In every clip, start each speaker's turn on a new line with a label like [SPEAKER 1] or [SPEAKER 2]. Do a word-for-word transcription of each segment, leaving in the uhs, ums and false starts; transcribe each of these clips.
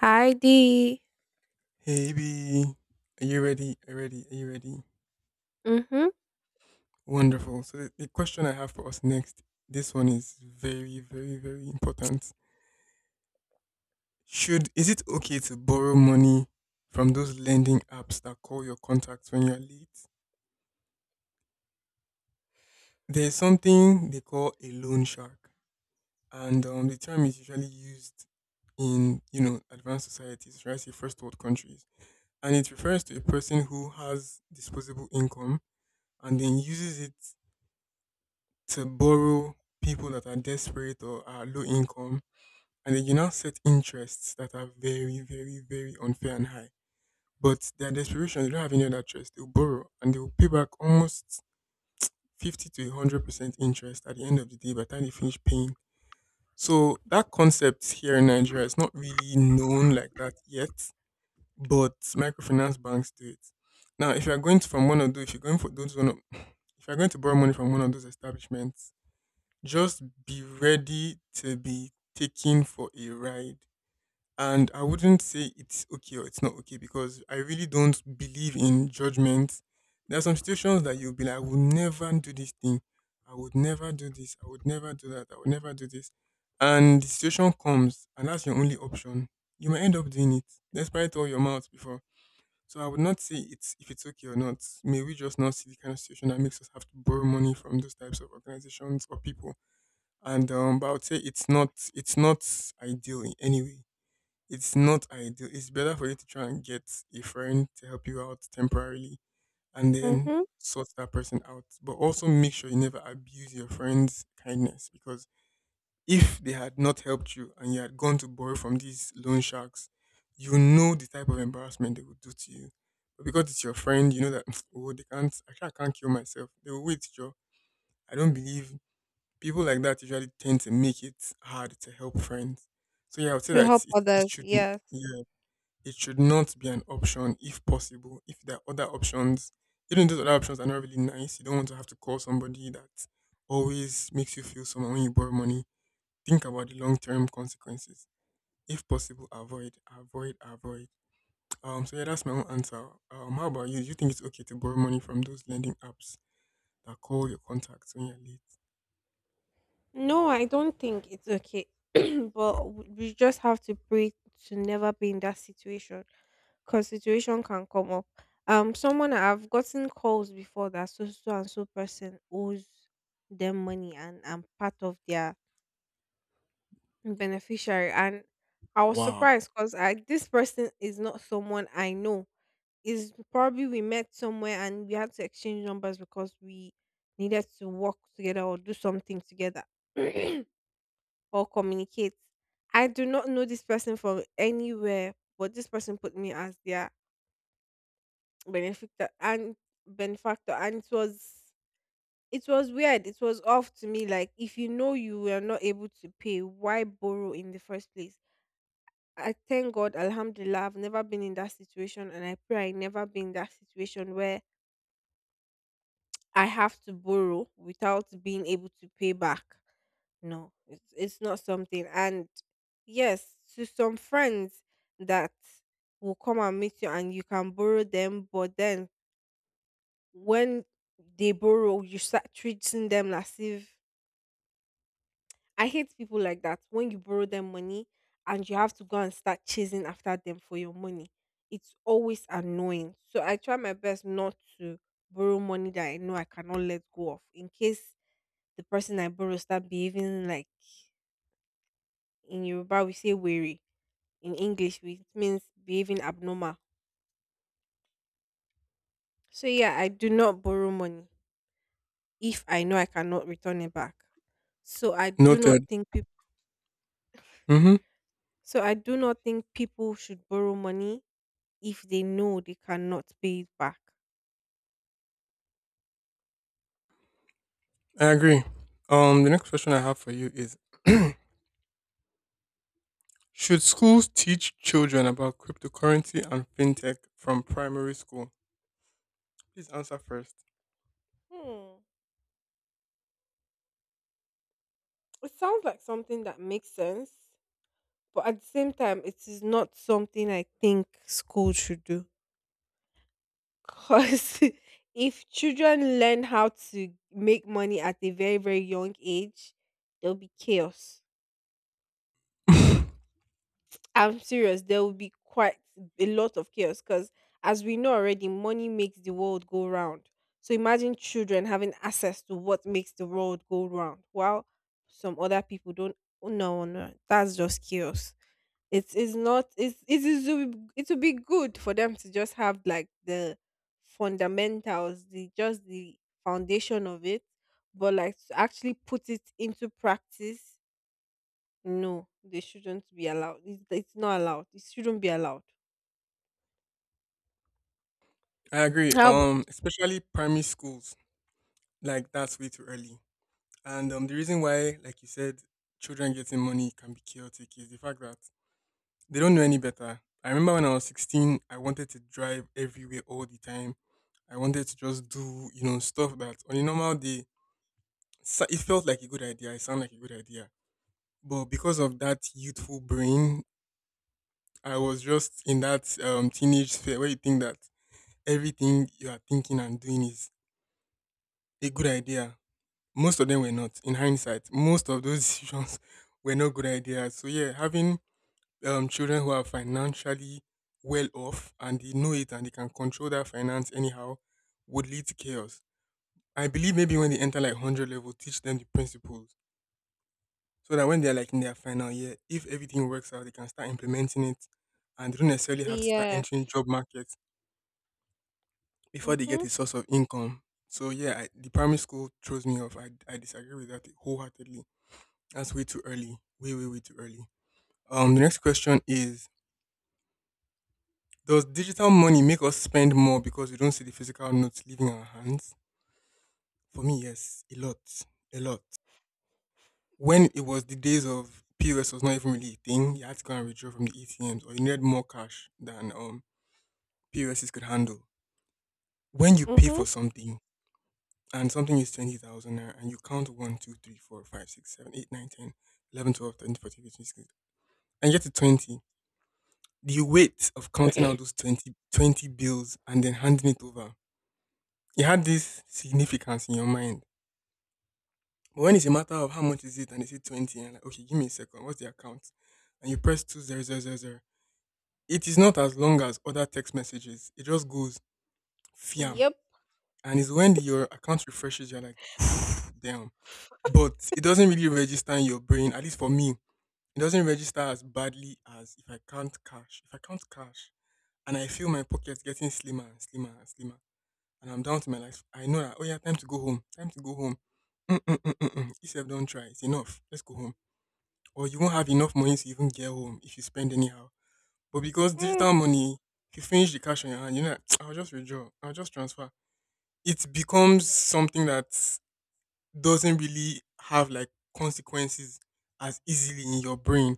[SPEAKER 1] Heidi.
[SPEAKER 2] Hey B, are you ready? Are you ready? Are you ready?
[SPEAKER 1] Mhm.
[SPEAKER 2] Wonderful. So the, the question I have for us next, this one is very, very, very important. Should is it okay to borrow money from those lending apps that call your contacts when you're late? There's something they call a loan shark, and um, the term is usually used in you know advanced societies, right? Say first world countries, and it refers to a person who has disposable income and then uses it to borrow people that are desperate or are low income, and then you now set interests that are very, very, very unfair and high. But their desperation, they don't have any other choice. They'll borrow and they'll pay back almost fifty to one hundred percent interest at the end of the day by the time they finish paying. So that concept here in Nigeria is not really known like that yet, but microfinance banks do it. Now, if you're going to from one of those, if you're going for those one of, if you're going to borrow money from one of those establishments, just be ready to be taken for a ride. And I wouldn't say it's okay or it's not okay because I really don't believe in judgment. There are some situations that you'll be like, I would never do this thing. I would never do this. I would never do that. I would never do this. And the situation comes, and that's your only option. You might end up doing it, despite all your mouth before. So I would not say it's if it's okay or not. May we just not see the kind of situation that makes us have to borrow money from those types of organizations or people and um, but I would say it's not it's not ideal in any way. It's not ideal. It's better for you to try and get a friend to help you out temporarily, and then
[SPEAKER 1] Mhm.
[SPEAKER 2] sort that person out. But also make sure you never abuse your friend's kindness, because if they had not helped you and you had gone to borrow from these loan sharks, you know the type of embarrassment they would do to you. But because it's your friend, you know that oh, they can't. Actually, I can't kill myself. They will wait, Joe. I don't believe people like that usually tend to make it hard to help friends. So yeah, I would say
[SPEAKER 1] To
[SPEAKER 2] that
[SPEAKER 1] help
[SPEAKER 2] it, it
[SPEAKER 1] others.
[SPEAKER 2] should.
[SPEAKER 1] Yes.
[SPEAKER 2] Yeah, it should not be an option if possible. If there are other options, even those other options are not really nice, you don't want to have to call somebody that always makes you feel someone when you borrow money. Think about the long term consequences. If possible, avoid, avoid, avoid. Um, so yeah, that's my own answer. Um, how about you? Do you think it's okay to borrow money from those lending apps that call your contacts when you're late?
[SPEAKER 1] No, I don't think it's okay. But w- we just have to pray to never be in that situation because situation can come up. Um, someone I've gotten calls before that so so and so person owes them money and I'm part of their beneficiary, and I was
[SPEAKER 2] Wow,
[SPEAKER 1] surprised because I this person is not someone I know. Is probably we met somewhere and we had to exchange numbers because we needed to work together or do something together or communicate. I do not know this person from anywhere, but this person put me as their benefactor and benefactor, and it was it was weird. It was off to me. Like, if you know you were not able to pay, why borrow in the first place? I thank God, Alhamdulillah, I've never been in that situation, and I pray I never be in that situation where I have to borrow without being able to pay back. No, it's, it's not something. And yes, to some friends that will come and meet you and you can borrow them, but then when they borrow, you start treating them as if— I hate people like that. When you borrow them money and you have to go and start chasing after them for your money, it's always annoying. So I try my best not to borrow money that I know I cannot let go of in case the person I borrow start behaving like, in Yoruba we say wary, in English which means behaving abnormal. So yeah, I do not borrow money if I know I cannot return it back. So I do not
[SPEAKER 2] noted.
[SPEAKER 1] think people
[SPEAKER 2] Mm-hmm.
[SPEAKER 1] so I do not think people should borrow money if they know they cannot pay it back.
[SPEAKER 2] I agree. Um, the next question I have for you is: should schools teach children about cryptocurrency and fintech from primary school? Please answer first.
[SPEAKER 1] Hmm. It sounds like something that makes sense. But at the same time, it is not something I think school should do. Because if children learn how to make money at a very, very young age, there'll be chaos.
[SPEAKER 2] I
[SPEAKER 1] I'm serious, there will be quite a lot of chaos. Because as we know already, money makes the world go round. So imagine children having access to what makes the world go round while some other people don't. No, no, that's just chaos. It is not. It's it is it would be good for them to just have like the fundamentals, the just the foundation of it, but like to actually put it into practice. No, they shouldn't be allowed. It's, it's not allowed. It shouldn't be allowed.
[SPEAKER 2] agree.
[SPEAKER 1] How about—
[SPEAKER 2] Um, especially primary schools, like that's way too early. And um, the reason why, like you said, children getting money can be chaotic is the fact that they don't know any better. I remember when I was sixteen, I wanted to drive everywhere all the time. I wanted to just do, you know, stuff that on a normal day. So it felt like a good idea. It sounded like a good idea. But because of that youthful brain, I was just in that um, teenage sphere where you think that everything you are thinking and doing is a good idea. Most of them were not. In hindsight, most of those decisions were not good ideas. So yeah, having um, children who are financially well off and they know it and they can control that finance anyhow would lead to chaos. I believe maybe when they enter like one hundred level, teach them the principles so that when they're like in their final year, if everything works out, they can start implementing it and they don't necessarily have to start
[SPEAKER 1] yes.
[SPEAKER 2] entering job markets before they get
[SPEAKER 1] Mhm.
[SPEAKER 2] a source of income. So yeah, I, the primary school throws me off. I, I disagree with that wholeheartedly. That's way too early. Way, way, way too early. Um, the next question is, does digital money make us spend more because we don't see the physical notes leaving our hands? For me, yes, a lot, a lot. When it was the days of P O S was not even really a thing, you had to go and withdraw from the A T Ms or you needed more cash than um P O Ss could handle. When you pay
[SPEAKER 1] Mhm.
[SPEAKER 2] for something and something is twenty thousand naira and you count one, two, three, four, five, six, seven, eight, nine, ten, eleven, twelve, thirteen, fourteen, fifteen, sixteen, and you get to twenty, the weight of counting out those twenty twenty bills and then handing it over, you had this significance in your mind. But when it's a matter of how much is it and they say twenty, and like, okay, give me a second, what's the account? And you press twenty thousand, it is not as long as other text messages. It just goes fiam.
[SPEAKER 1] Yep.
[SPEAKER 2] And it's when the, your account refreshes, you're like, damn. But it doesn't really register in your brain. At least for me, it doesn't register as badly as if I can't cash. If I can't cash and I feel my pockets getting slimmer and slimmer and slimmer, and I'm down to my life, I know that oh yeah, time to go home. Time to go home. Mm-mm-mm-mm-mm. If you don't try, it's enough. Let's go home. Or you won't have enough money to even get home if you spend anyhow. But because
[SPEAKER 1] Mm,
[SPEAKER 2] digital money, if you finish the cash on your hand, you know, that, I'll just withdraw. I'll just transfer. It becomes something that doesn't really have like consequences as easily in your brain.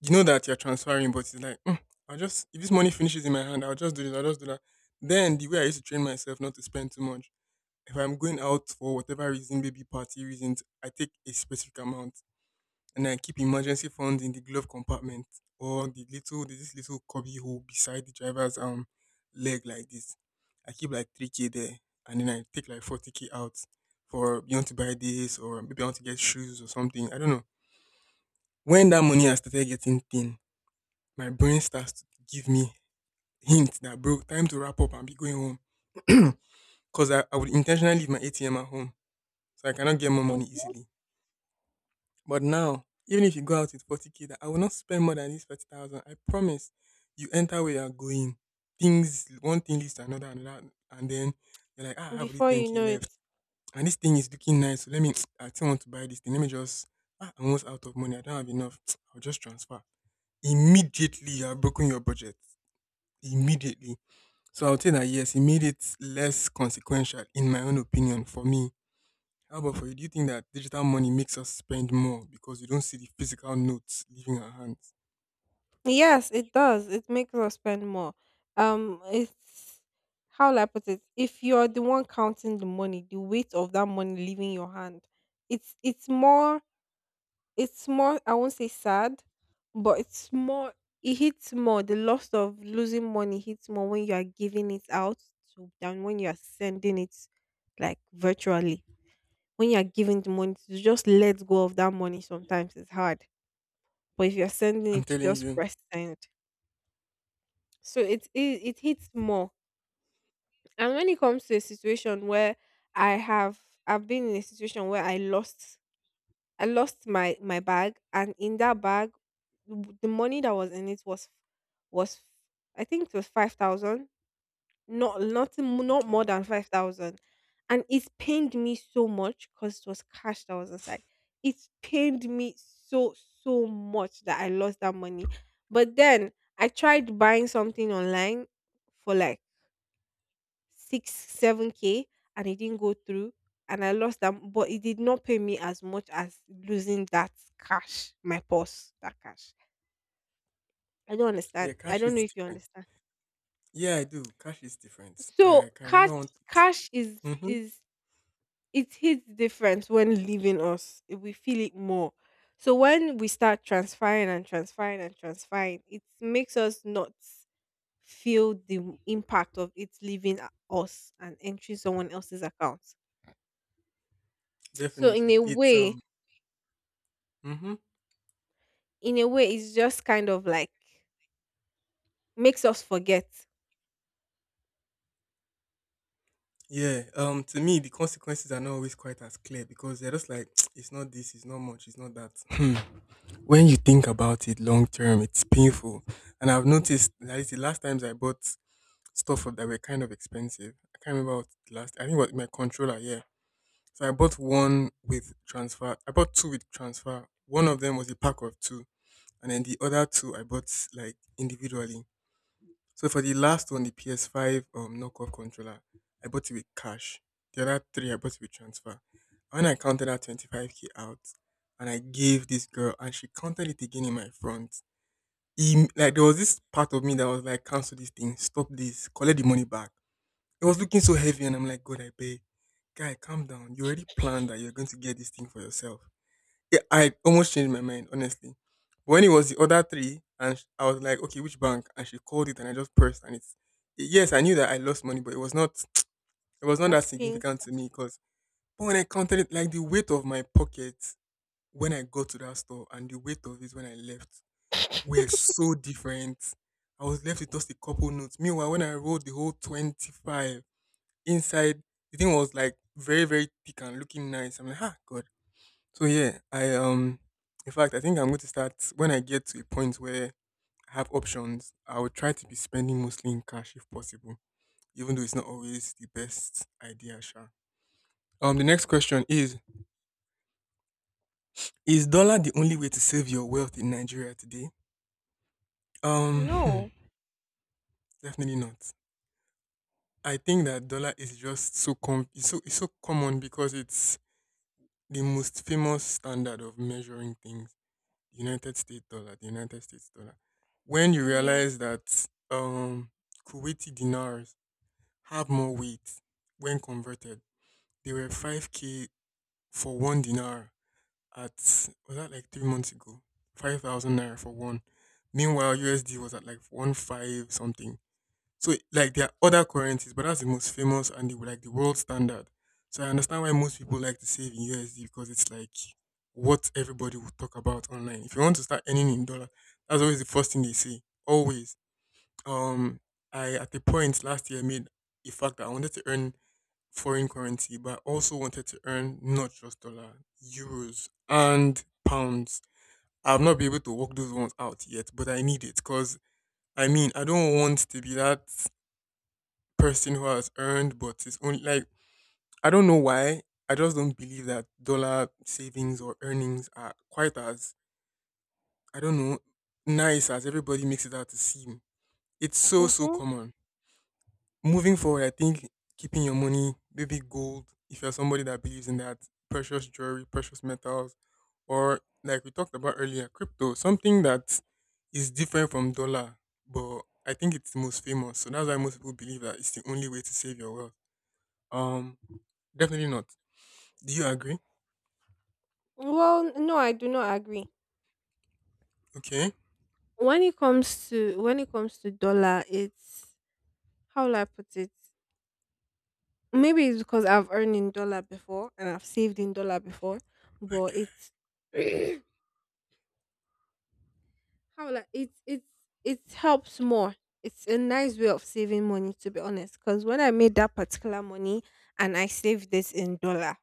[SPEAKER 2] You know that you're transferring, but it's like, "Mm, I'll just, if this money finishes in my hand, I'll just do this, I'll just do that." Then the way I used to train myself not to spend too much, if I'm going out for whatever reason, maybe party reasons, I take a specific amount and I keep emergency funds in the glove compartment or the little there's this little cubby hole beside the driver's um leg like this. I keep like three k there, and then I take like forty k out for you want to buy this or maybe I want to get shoes or something. I don't know. When that money has started getting thin, my brain starts to give me hints that bro, time to wrap up and be going home. Cause I, I would intentionally leave my A T M at home, so I cannot get more
[SPEAKER 1] mm.
[SPEAKER 2] money easily. But now, even if you go out with forty k, that I will not spend more than this thirty thousand. I promise you enter where you are going. Things, one thing leads to another, another, and then you're like, ah, I have only
[SPEAKER 1] Before you
[SPEAKER 2] ten k
[SPEAKER 1] know
[SPEAKER 2] left.
[SPEAKER 1] it.
[SPEAKER 2] And this thing is looking nice. So let me, I still want to buy this thing. Let me just, ah, I'm almost out of money. I don't have enough. I'll just transfer. Immediately, you have broken your budget. Immediately. So I'll say that yes, it made it less consequential, in my own opinion, for me. How about for you? Do you think that digital money makes us spend more because you don't see the physical notes leaving our hands?
[SPEAKER 1] Yes, it does. It makes us spend more. Um, it's how will I put it? If you're the one counting the money, the weight of that money leaving your hand, it's it's more It's more I won't say sad, but it's more— it hits more. The loss of losing money hits more when you are giving it out to, than when you are sending it like virtually. When you are giving the money to just let go of that money, sometimes it's hard. But if you're sending
[SPEAKER 2] I'm
[SPEAKER 1] it, you
[SPEAKER 2] telling
[SPEAKER 1] just
[SPEAKER 2] you.
[SPEAKER 1] press send. So it, it it hits more. And when it comes to a situation where I have I've been in a situation where I lost I lost my my bag, and in that bag, w- the money that was in it was was I think it was five thousand, not not m- not more
[SPEAKER 2] Okay.
[SPEAKER 1] than five thousand, and it pained me so much because it was cash that was inside. It pained me so so much that I lost that money. But then I tried buying something online for like six, seven k, and it didn't go through and I lost them, but it did not pay me as much as losing that cash, my purse, that cash. I don't
[SPEAKER 2] Yeah,
[SPEAKER 1] understand. I
[SPEAKER 2] cash
[SPEAKER 1] don't know
[SPEAKER 2] is
[SPEAKER 1] if you
[SPEAKER 2] different.
[SPEAKER 1] understand.
[SPEAKER 2] Yeah, I do. Cash is different. I
[SPEAKER 1] So
[SPEAKER 2] can
[SPEAKER 1] cash
[SPEAKER 2] remember one.
[SPEAKER 1] cash is
[SPEAKER 2] Mm-hmm.
[SPEAKER 1] is it hits different when leaving us. We feel it more. So when we start transferring and transferring and transferring, it makes us not feel the impact of it leaving a- us and entering someone else's account. So in
[SPEAKER 2] Definitely.
[SPEAKER 1] a
[SPEAKER 2] It's
[SPEAKER 1] way,
[SPEAKER 2] um. Mm-hmm.
[SPEAKER 1] in a way, it's just kind of like makes us forget—
[SPEAKER 2] Yeah. Um. To me, the consequences are not always quite as clear because they're just like it's not this, it's not much, it's not that. Hmm. When you think about it long term, it's painful. And I've noticed that is the last times I bought stuff that were kind of expensive. I can't remember what the last. I think what my controller. Yeah. So I bought one with transfer. I bought two with transfer. One of them was a pack of two, and then the other two I bought like individually. So for the last one, the P S five um knockoff controller, I bought it with cash. The other three I bought it with transfer. When I counted out twenty-five k out, and I gave this girl, and she counted it again in my front. Im- like there was this part of me that was like, cancel this thing, stop this, collect the money back. It was looking so heavy, and I'm like, God, I beg, guy, calm down. You already planned that you're going to get this thing for yourself. Yeah, I almost changed my mind, honestly. But when it was the other three, and sh- I was like, okay, which bank? And she called it, and I just pressed, and it's yes, I knew that I lost money, but it was not, it was not that
[SPEAKER 1] as pink—
[SPEAKER 2] significant to me because. But when I counted it, like the weight of my pocket when I got to that store and the weight of it when I left were so different. I was left with just a couple notes. Meanwhile, when I rolled the whole twenty-five, inside the thing was like very very thick and looking nice. I'm like, ah, God. So yeah, I um, in fact, I think I'm going to start when I get to a point where I have options. I will try to be spending mostly in cash if possible, even though it's not always the best idea. Sure. Um, the next question is: is dollar the only way to save your wealth in Nigeria today? Um, hmm,
[SPEAKER 1] no—
[SPEAKER 2] Definitely not. I think that dollar is just so com- it's so it's so common because it's the most famous standard of measuring things. United States dollar, the United States dollar. When you
[SPEAKER 1] yeah—
[SPEAKER 2] realize that um, Kuwaiti dinars have more weight when converted, they were five k for one dinar at, was that like three months ago? five thousand naira for one. Meanwhile, U S D was at like one five something. So like there are other currencies, but that's the most famous and the like the world standard. So I understand why most people like to save in U S D because it's like what everybody will talk about online. If you want to start earning in dollar, that's always the first thing they say. Always. Um I at the point last year made a fact that I wanted to earn foreign currency, but I also wanted to earn not just dollar, euros and pounds. I've not been able to work those ones out yet, but I need it because I mean I don't want to be that person who has earned but is only like I don't know why. I just don't believe that dollar savings or earnings are quite as I don't know nice as everybody makes it out to seem. It's so so
[SPEAKER 1] mm-hmm.
[SPEAKER 2] common. Moving forward, I think keeping your money, maybe gold, if you're somebody that believes in that, precious jewelry, precious metals, or like we talked about earlier, crypto, something that is different from dollar, but I think it's the most famous. So that's why most people believe that it's the only way to save your wealth. Um, Definitely not. Do you agree?
[SPEAKER 1] well no, I do not agree.
[SPEAKER 2] Okay.
[SPEAKER 1] When it comes to— when it comes to dollar, it's— how will I put it? Maybe it's because I've earned in dollar before and I've saved in dollar before,
[SPEAKER 2] Like
[SPEAKER 1] but
[SPEAKER 2] uh,
[SPEAKER 1] it's— how will I— it's it's it helps more. It's a nice way of saving money, to be honest, because when I made that particular money and I saved this in dollar,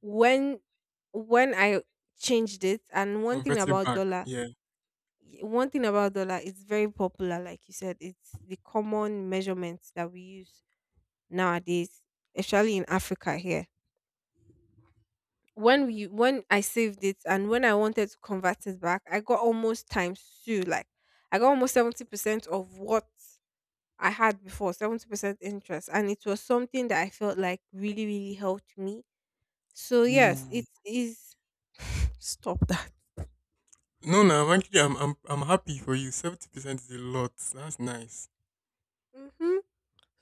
[SPEAKER 1] when— when I changed it, and one thing
[SPEAKER 2] convert it
[SPEAKER 1] about
[SPEAKER 2] back.
[SPEAKER 1] dollar—
[SPEAKER 2] Yeah.
[SPEAKER 1] y- one thing about dollar, it's very popular. Like you said, it's the common measurement that we use nowadays, especially in Africa here. When we— when I saved it and when I wanted to convert it back, I got almost times two. Like, I got almost seventy percent of what I had before, seventy percent interest, and it was something that I felt like really really helped me. So yes,
[SPEAKER 2] Ooh.
[SPEAKER 1] it is. Stop that.
[SPEAKER 2] No, no. I'm actually, I'm, I'm, I'm happy for you. Seventy percent is a lot. That's nice,
[SPEAKER 1] Mm-hmm.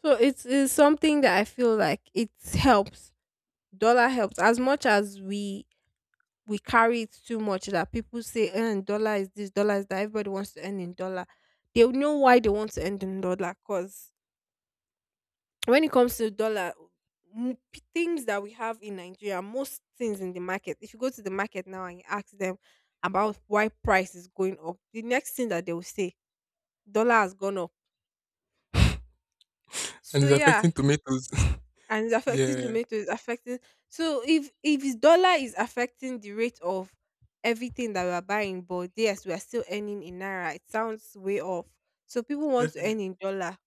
[SPEAKER 1] So it is something that I feel like it helps. Dollar helps as much as we we carry it too much that people say, "Earn dollar is this, dollar is that." Everybody wants to earn in dollar. They will know why they want to earn in dollar. Cause when it comes to dollar, m- p- things that we have in Nigeria, most things in the market. If you go to the market now and you ask them about why price is going up, the next thing that they will say, "Dollar has gone up."
[SPEAKER 2] and
[SPEAKER 1] So
[SPEAKER 2] it's
[SPEAKER 1] yeah,
[SPEAKER 2] affecting tomatoes.
[SPEAKER 1] and it's affecting
[SPEAKER 2] yeah,
[SPEAKER 1] tomatoes. It's affecting— so if if his dollar is affecting the rate of everything that we are buying, but yes we are still earning in naira, it sounds way off. So people want to
[SPEAKER 2] definitely.
[SPEAKER 1] earn in dollar.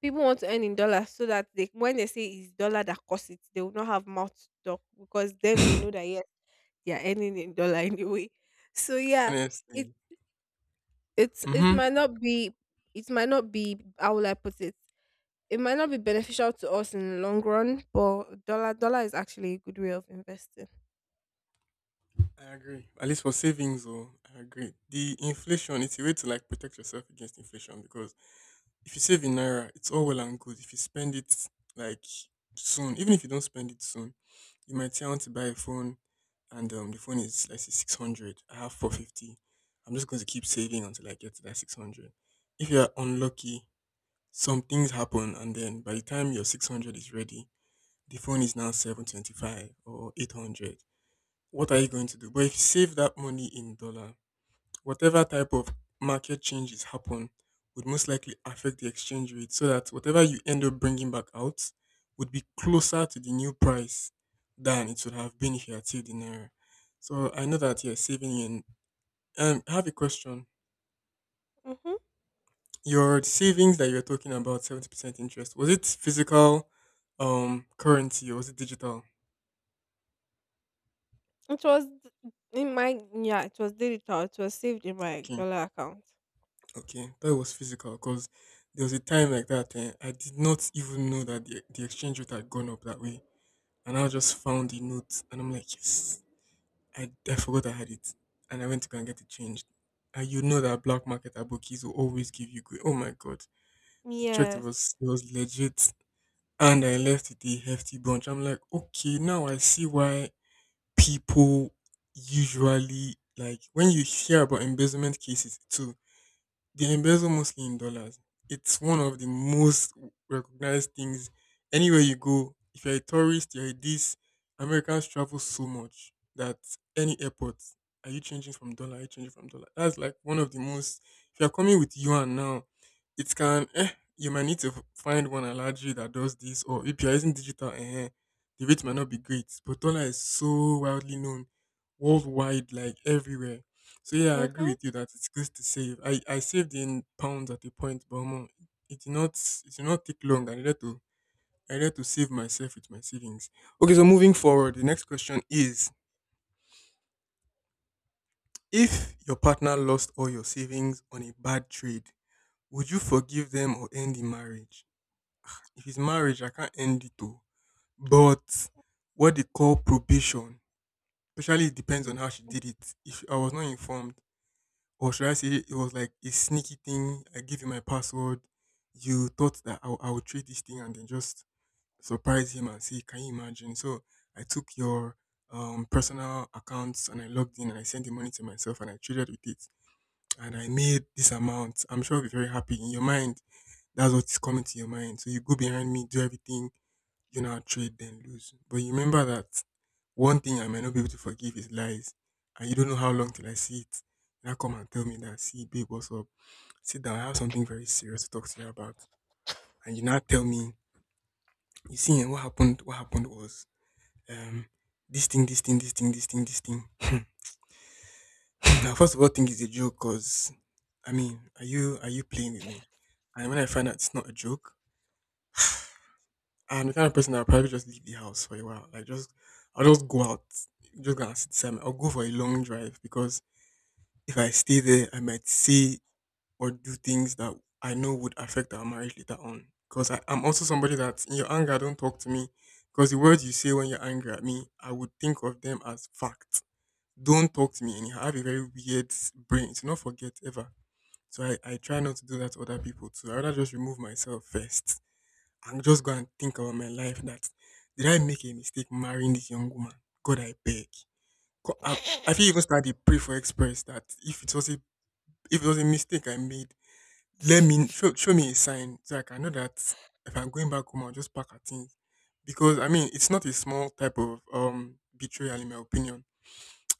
[SPEAKER 1] People want to earn in dollar, so that they— when they say it's dollar that costs it, they will not have mouth to talk, because then they know that yes, they are earning in dollar. Anyway, so yeah, it
[SPEAKER 2] Honestly.
[SPEAKER 1] it's it
[SPEAKER 2] Mm-hmm.
[SPEAKER 1] might not be— it might not be— how will I put it? It might not be beneficial to us in the long run, but dollar dollar is actually a good way of investing.
[SPEAKER 2] I agree. At least for savings, though, I agree. The inflation, it's a way to like protect yourself against inflation because if you save in naira, it's all well and good. If you spend it like soon, even if you don't spend it soon, you might say I want to buy a phone and um, the phone is let's say six hundred. I have four fifty. I'm just going to keep saving until I get to that six hundred. If you are unlucky, some things happen, and then by the time your six hundred is ready, the phone is now seven twenty five or eight hundred. What are you going to do? But if you save that money in dollars whatever type of market changes happen would most likely affect the exchange rate so that whatever you end up bringing back out would be closer to the new price than it would have been if you had saved in naira. So I know that you're saving in. Um, I have a question.
[SPEAKER 1] Mm-hmm.
[SPEAKER 2] Your savings that you're talking about, seventy percent interest, was it physical um, currency or was it digital?
[SPEAKER 1] It was d- in my— yeah, it was digital. It was saved in my
[SPEAKER 2] Okay,
[SPEAKER 1] dollar account.
[SPEAKER 2] okay. That was physical because there was a time like that. And I did not even know that the, the exchange rate had gone up that way. And I just found the note and I'm like, yes, I, I forgot I had it. And I went to go and get it changed. And you know that black market at bookies will always give you good. Oh my God. The check it
[SPEAKER 1] Yes.
[SPEAKER 2] was, it was legit. And I left with a hefty bunch. I'm like, okay, now I see why people usually, like, when you hear about embezzlement cases, too they embezzle mostly in dollars. It's one of the most recognized things. Anywhere you go, if you're a tourist, you're a this, Americans travel so much that any airport, are you changing from dollar? Are you changing from dollar? That's like one of the most. If you're coming with yuan now, it can, eh, you might need to f- find one at large that does this, or if you're using digital, eh, the rate might not be great. But dollar is so widely known worldwide, like everywhere so yeah, I agree
[SPEAKER 1] Mhm.
[SPEAKER 2] with you that it's good to save. I, I saved in pounds at a point, but omo, it did not it did not take long. I needed to I needed to save myself with my savings. Okay, so moving forward, the next question is: if your partner lost all your savings on a bad trade, would you forgive them or end the marriage? If it's marriage, I can't end it too. But what they call probation, especially it depends
[SPEAKER 1] Mm,
[SPEAKER 2] on how she
[SPEAKER 1] mm.
[SPEAKER 2] did it. If I was not informed, or should I say it was like a sneaky thing. I give you my password. You thought that I, would- I would trade this thing and then just surprise him and say, can you imagine? So I took your um, personal accounts and I logged in and I sent the money to myself and I traded with it. And I made this amount. I'm sure I'll be very happy. In your mind, that's what's coming to your mind. So you go behind me, do everything, you now trade, then lose. But you remember that one thing I may not be able to forgive is lies. And you don't know how long till I see it. Now come and tell me that, see, babe, what's up? Sit down, I have something very serious to talk to you about. And you now tell me, you see, eh, what happened, what happened was, um, this thing, this thing, this thing, this thing, this thing. Now, first of all, think it's a joke because, I mean, are you, are you playing with me? And when I find out it's not a joke, I'm the kind of person that I'll probably just leave the house for a while. Like, just, I'll just go out, just gonna sit, some- I'll go for a long drive because if I stay there, I might see or do things that I know would affect our marriage later on. Because I'm also somebody that in your anger, don't talk to me. Because the words you say when you're angry at me, I would think of them as facts. Don't talk to me anyhow. I have a very weird s- brain. Do not forget ever. So I, I try not to do that to other people too. I rather just remove myself first and just go and think about my life that did I make a mistake marrying this young woman? God, I beg. Co- I, I feel even start to pray for express that if it was a if it was a mistake I made, let me show, show me a sign so I can know that if I'm going back home, I'll just pack her things. Because I mean, it's not a small type of um betrayal, in my opinion.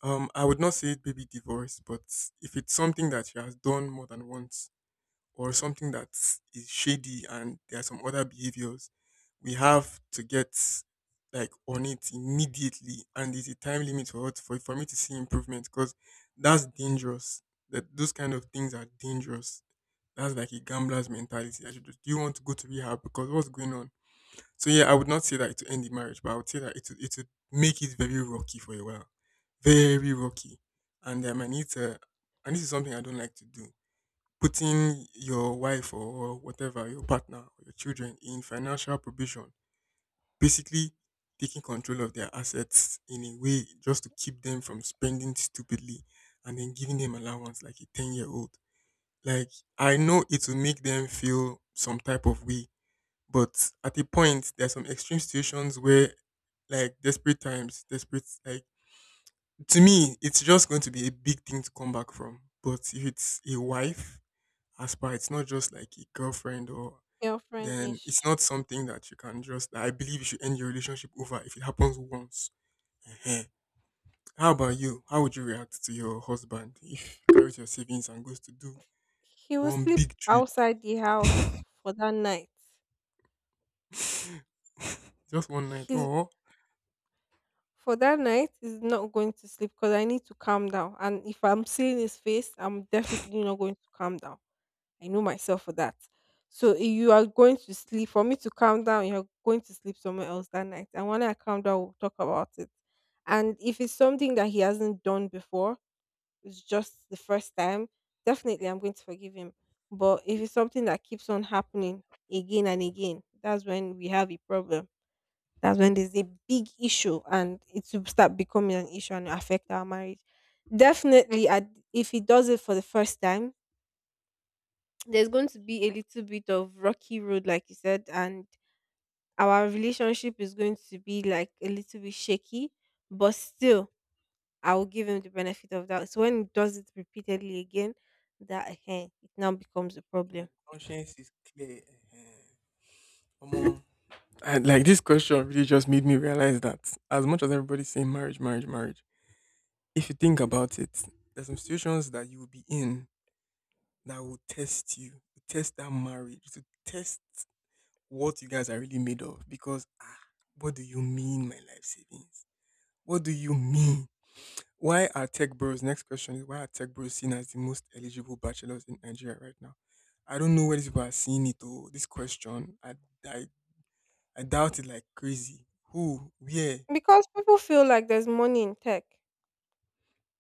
[SPEAKER 2] Um, I would not say it baby divorce, but if it's something that she has done more than once, or something that is shady and there are some other behaviors, we have to get like on it immediately and there's a time limit for it, for, for me to see improvement because that's dangerous. That those kind of things are dangerous. That's like a gambler's mentality. I should just, do you want to go to rehab because what's going on? So yeah, I would not say that to end the marriage, but I would say that it would, it would make it very rocky for a while, very rocky, and um, I need to. And this is something I don't like to do putting your wife or whatever, your partner or your children in financial provision, basically taking control of their assets in a way just to keep them from spending stupidly and then giving them allowance like a ten year old. Like, I know it will make them feel some type of way, but at a point, there are some extreme situations where, like, desperate times, desperate, like, to me, it's just going to be a big thing to come back from. But if it's a wife, as per it's not just like a girlfriend or then it's
[SPEAKER 1] Girlfriend-ish.
[SPEAKER 2] not something that you can just I believe you should end your relationship over if it happens once. Ehen. How about you? How would you react to your husband if he carries your savings and goes to do
[SPEAKER 1] He will
[SPEAKER 2] one
[SPEAKER 1] sleep
[SPEAKER 2] big trade?
[SPEAKER 1] outside the house for that night.
[SPEAKER 2] Just one night.
[SPEAKER 1] He's
[SPEAKER 2] Oh,
[SPEAKER 1] For that night he's not going to sleep, because I need to calm down. And if I'm seeing his face, I'm definitely not going to calm down. I know myself for that. So if you are going to sleep for me to calm down, you're going to sleep somewhere else that night. And when I calm down, we'll talk about it. And if it's something that he hasn't done before, it's just the first time, definitely I'm going to forgive him. But if it's something that keeps on happening again and again, that's when we have a problem. That's when there's a big issue and it will start becoming an issue and affect our marriage. Definitely, at- if he does it for the first time, there's going to be a little bit of rocky road, like you said, and our relationship is going to be like a little bit shaky. But still, I will give him the benefit of doubt. So when he does it repeatedly again, that eh, it now becomes a
[SPEAKER 2] my
[SPEAKER 1] problem
[SPEAKER 2] conscience is clear. Ehen. Omo. And like, this question really just made me realize that as much as everybody's saying marriage, marriage, marriage, if you think about it, there's some situations that you will be in that will test you, to test that marriage, to test what you guys are really made of. Because ah, what do you mean, my life savings? What do you mean? Why are tech bros? Next question is: why are tech bros seen as the most eligible bachelors in Nigeria right now? I don't know where these people are seeing it. Oh, this question, I, I, I doubt it like crazy. Who? Where?
[SPEAKER 1] because people feel like there's money in tech.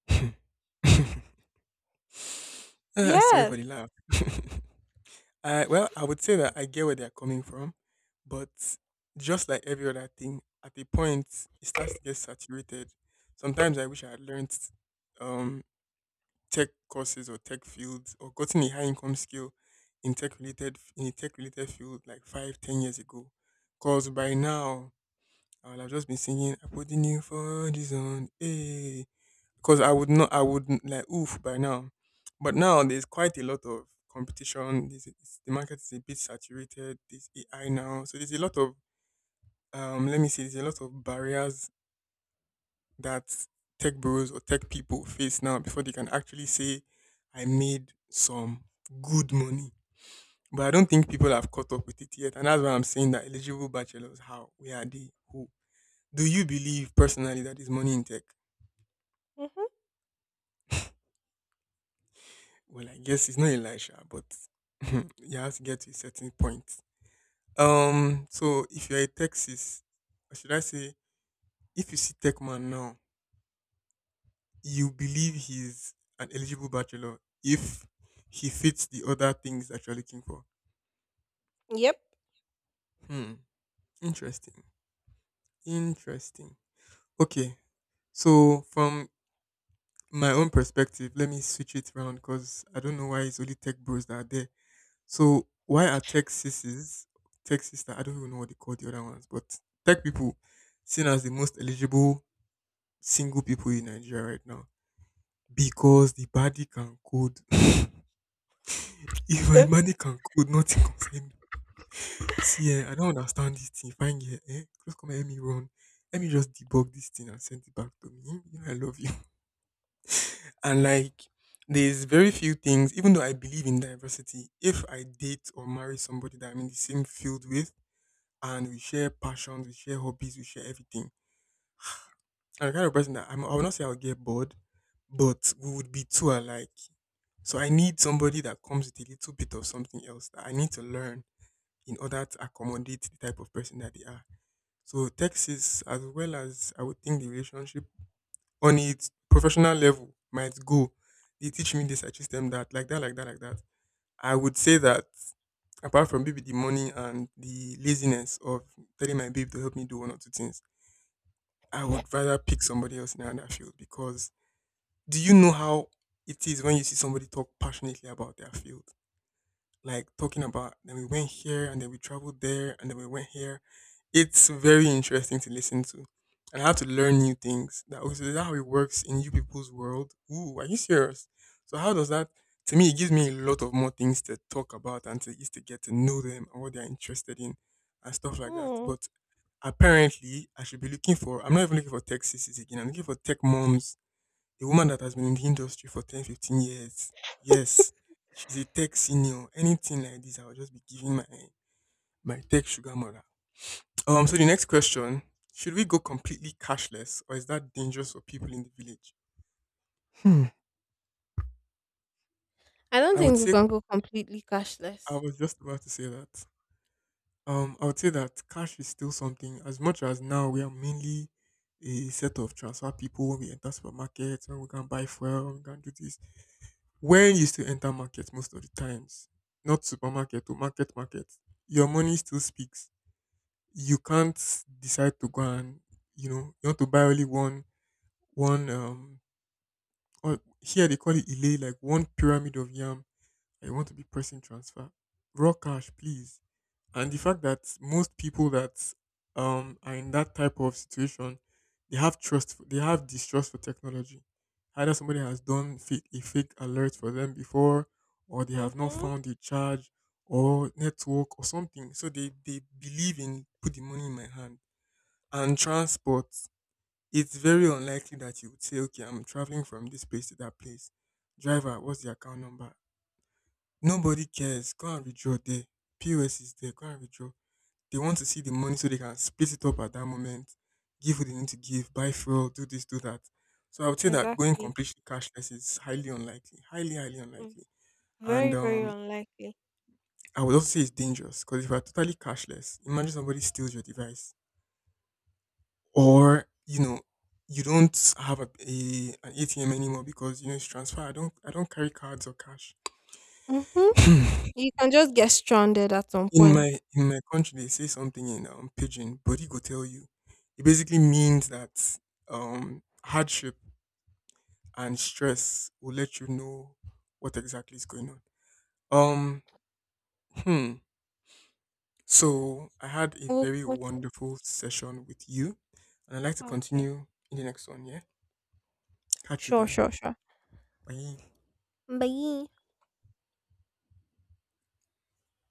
[SPEAKER 2] Ah, sorry for
[SPEAKER 1] Yes.
[SPEAKER 2] the laugh. I well, I would say that I get where they're coming from, but just like every other thing, at a point it starts to get saturated. Sometimes I wish I had learned um, tech courses or tech fields or gotten a high income skill in tech related in a tech related field like five, ten years ago. Cause by now I would have just been singing "I put the new for this on," eh? Because I would not, I would like oof by now. But now there's quite a lot of competition. This it's, the market is a bit saturated. There's A I now, so there's a lot of um. Let me see. There's a lot of barriers that tech bros or tech people face now before they can actually say, "I made some good money." But I don't think people have caught up with it yet, and that's why I'm saying that eligible bachelors, how where are they, who do you believe personally that there's money in tech?
[SPEAKER 1] Mm-hmm.
[SPEAKER 2] Well, I guess it's not Elisha, but you have to get to a certain point. Um, so if you're a Texas, or should I say, if you see tech man now, you believe he's an eligible bachelor if he fits the other things that you're looking for.
[SPEAKER 1] Yep.
[SPEAKER 2] Hmm. Interesting. Interesting. Okay. So from my own perspective, let me switch it around because I don't know why it's only tech bros that are there. So why are tech sissies, tech sister? I don't even know what they call the other ones, but tech people seen as the most eligible single people in Nigeria right now because the body can code. If my
[SPEAKER 1] Eh.
[SPEAKER 2] money can code, nothing concern me. See, eh, I don't understand this thing. Fine, yeah, eh? Just come and help me run. Let me just debug this thing and send it back to me. You know, I love you. And like, there's very few things. Even though I believe in diversity, if I date or marry somebody that I'm in the same field with and we share passions, we share hobbies, we share everything. I'm the kind of person that I'm, I will not say I'll get bored, but we would be too alike. So I need somebody that comes with a little bit of something else that I need to learn in order to accommodate the type of person that they are. So Texas, as well as I would think the relationship on its professional level might go. They teach me this, I teach them that, like that, like that, like that. I would say that apart from maybe the money and the laziness of telling my babe to help me do one or two things, I would rather pick somebody else in another field because do you know how it is when you see somebody talk passionately about their field? Like talking about then we went here and then we traveled there and then we went here. It's very interesting to listen to. And I have to learn new things. That was is that how it works in you people's world. Ooh, are you serious? So how does that to me it gives me a lot of more things to talk about and to just to get to know them and what they're interested in and stuff like that.
[SPEAKER 1] Hmm.
[SPEAKER 2] But apparently, I should be looking for, I'm not even looking for tech sissies again. I'm looking for tech moms, a woman that has been in the industry for ten, fifteen years. Yes, she's a tech senior. Anything like this, I will just be giving my, my tech sugar mother. Um, so the next question, should we go completely cashless or is that dangerous for people in the village? Hmm.
[SPEAKER 1] I don't
[SPEAKER 2] I would
[SPEAKER 1] think we
[SPEAKER 2] say,
[SPEAKER 1] can go completely
[SPEAKER 2] I
[SPEAKER 1] cashless.
[SPEAKER 2] was just about to say that. Um, I would say that cash is still something. As much as now we are mainly a set of transfer people when we enter supermarkets, when we can buy fuel, when we can do this. When you still enter market most of the times, not supermarket to market market, your money still speaks. You can't decide to go and you know you want to buy only one one um or here they call it elay, like one pyramid of yam. I want to be pressing transfer. Raw cash, please, and the fact that most people that um are in that type of situation, they have trust for, they have distrust for technology, either somebody has done fake, a fake alert for them before, or they have not
[SPEAKER 1] Mm-hmm.
[SPEAKER 2] found a charge or network or something, so they they believe in put the money in my hand and transport. It's very unlikely that you would say, okay, I'm traveling from this place to that place, driver, what's the account number? Nobody cares. Go and withdraw there. P O S is there. Go and withdraw. They want to see the money so they can split it up at that moment, give what they need to give, buy fuel, do this, do that. So I would say that going
[SPEAKER 1] Exactly.
[SPEAKER 2] completely cashless is highly unlikely, highly, highly
[SPEAKER 1] Mm.
[SPEAKER 2] unlikely. And
[SPEAKER 1] Very, very
[SPEAKER 2] um,
[SPEAKER 1] unlikely.
[SPEAKER 2] I would also say it's dangerous because if you are totally cashless, imagine somebody steals your device or, you know, you don't have a, a an A T M anymore because you know it's transfer. I don't I don't carry cards or cash.
[SPEAKER 1] Mm-hmm. You can just get stranded at some
[SPEAKER 2] In
[SPEAKER 1] point.
[SPEAKER 2] my in my country, they say something in um, pidgin. Body go tell you. It basically means that um, hardship and stress will let you know what exactly is going on. Um, hmm. So I had a
[SPEAKER 1] We'll—
[SPEAKER 2] very wonderful session with you, and I'd like to
[SPEAKER 1] okay. Okay.
[SPEAKER 2] continue in the next one. Yeah, catch you
[SPEAKER 1] Sure,
[SPEAKER 2] then.
[SPEAKER 1] sure, sure.
[SPEAKER 2] Bye.
[SPEAKER 1] Bye.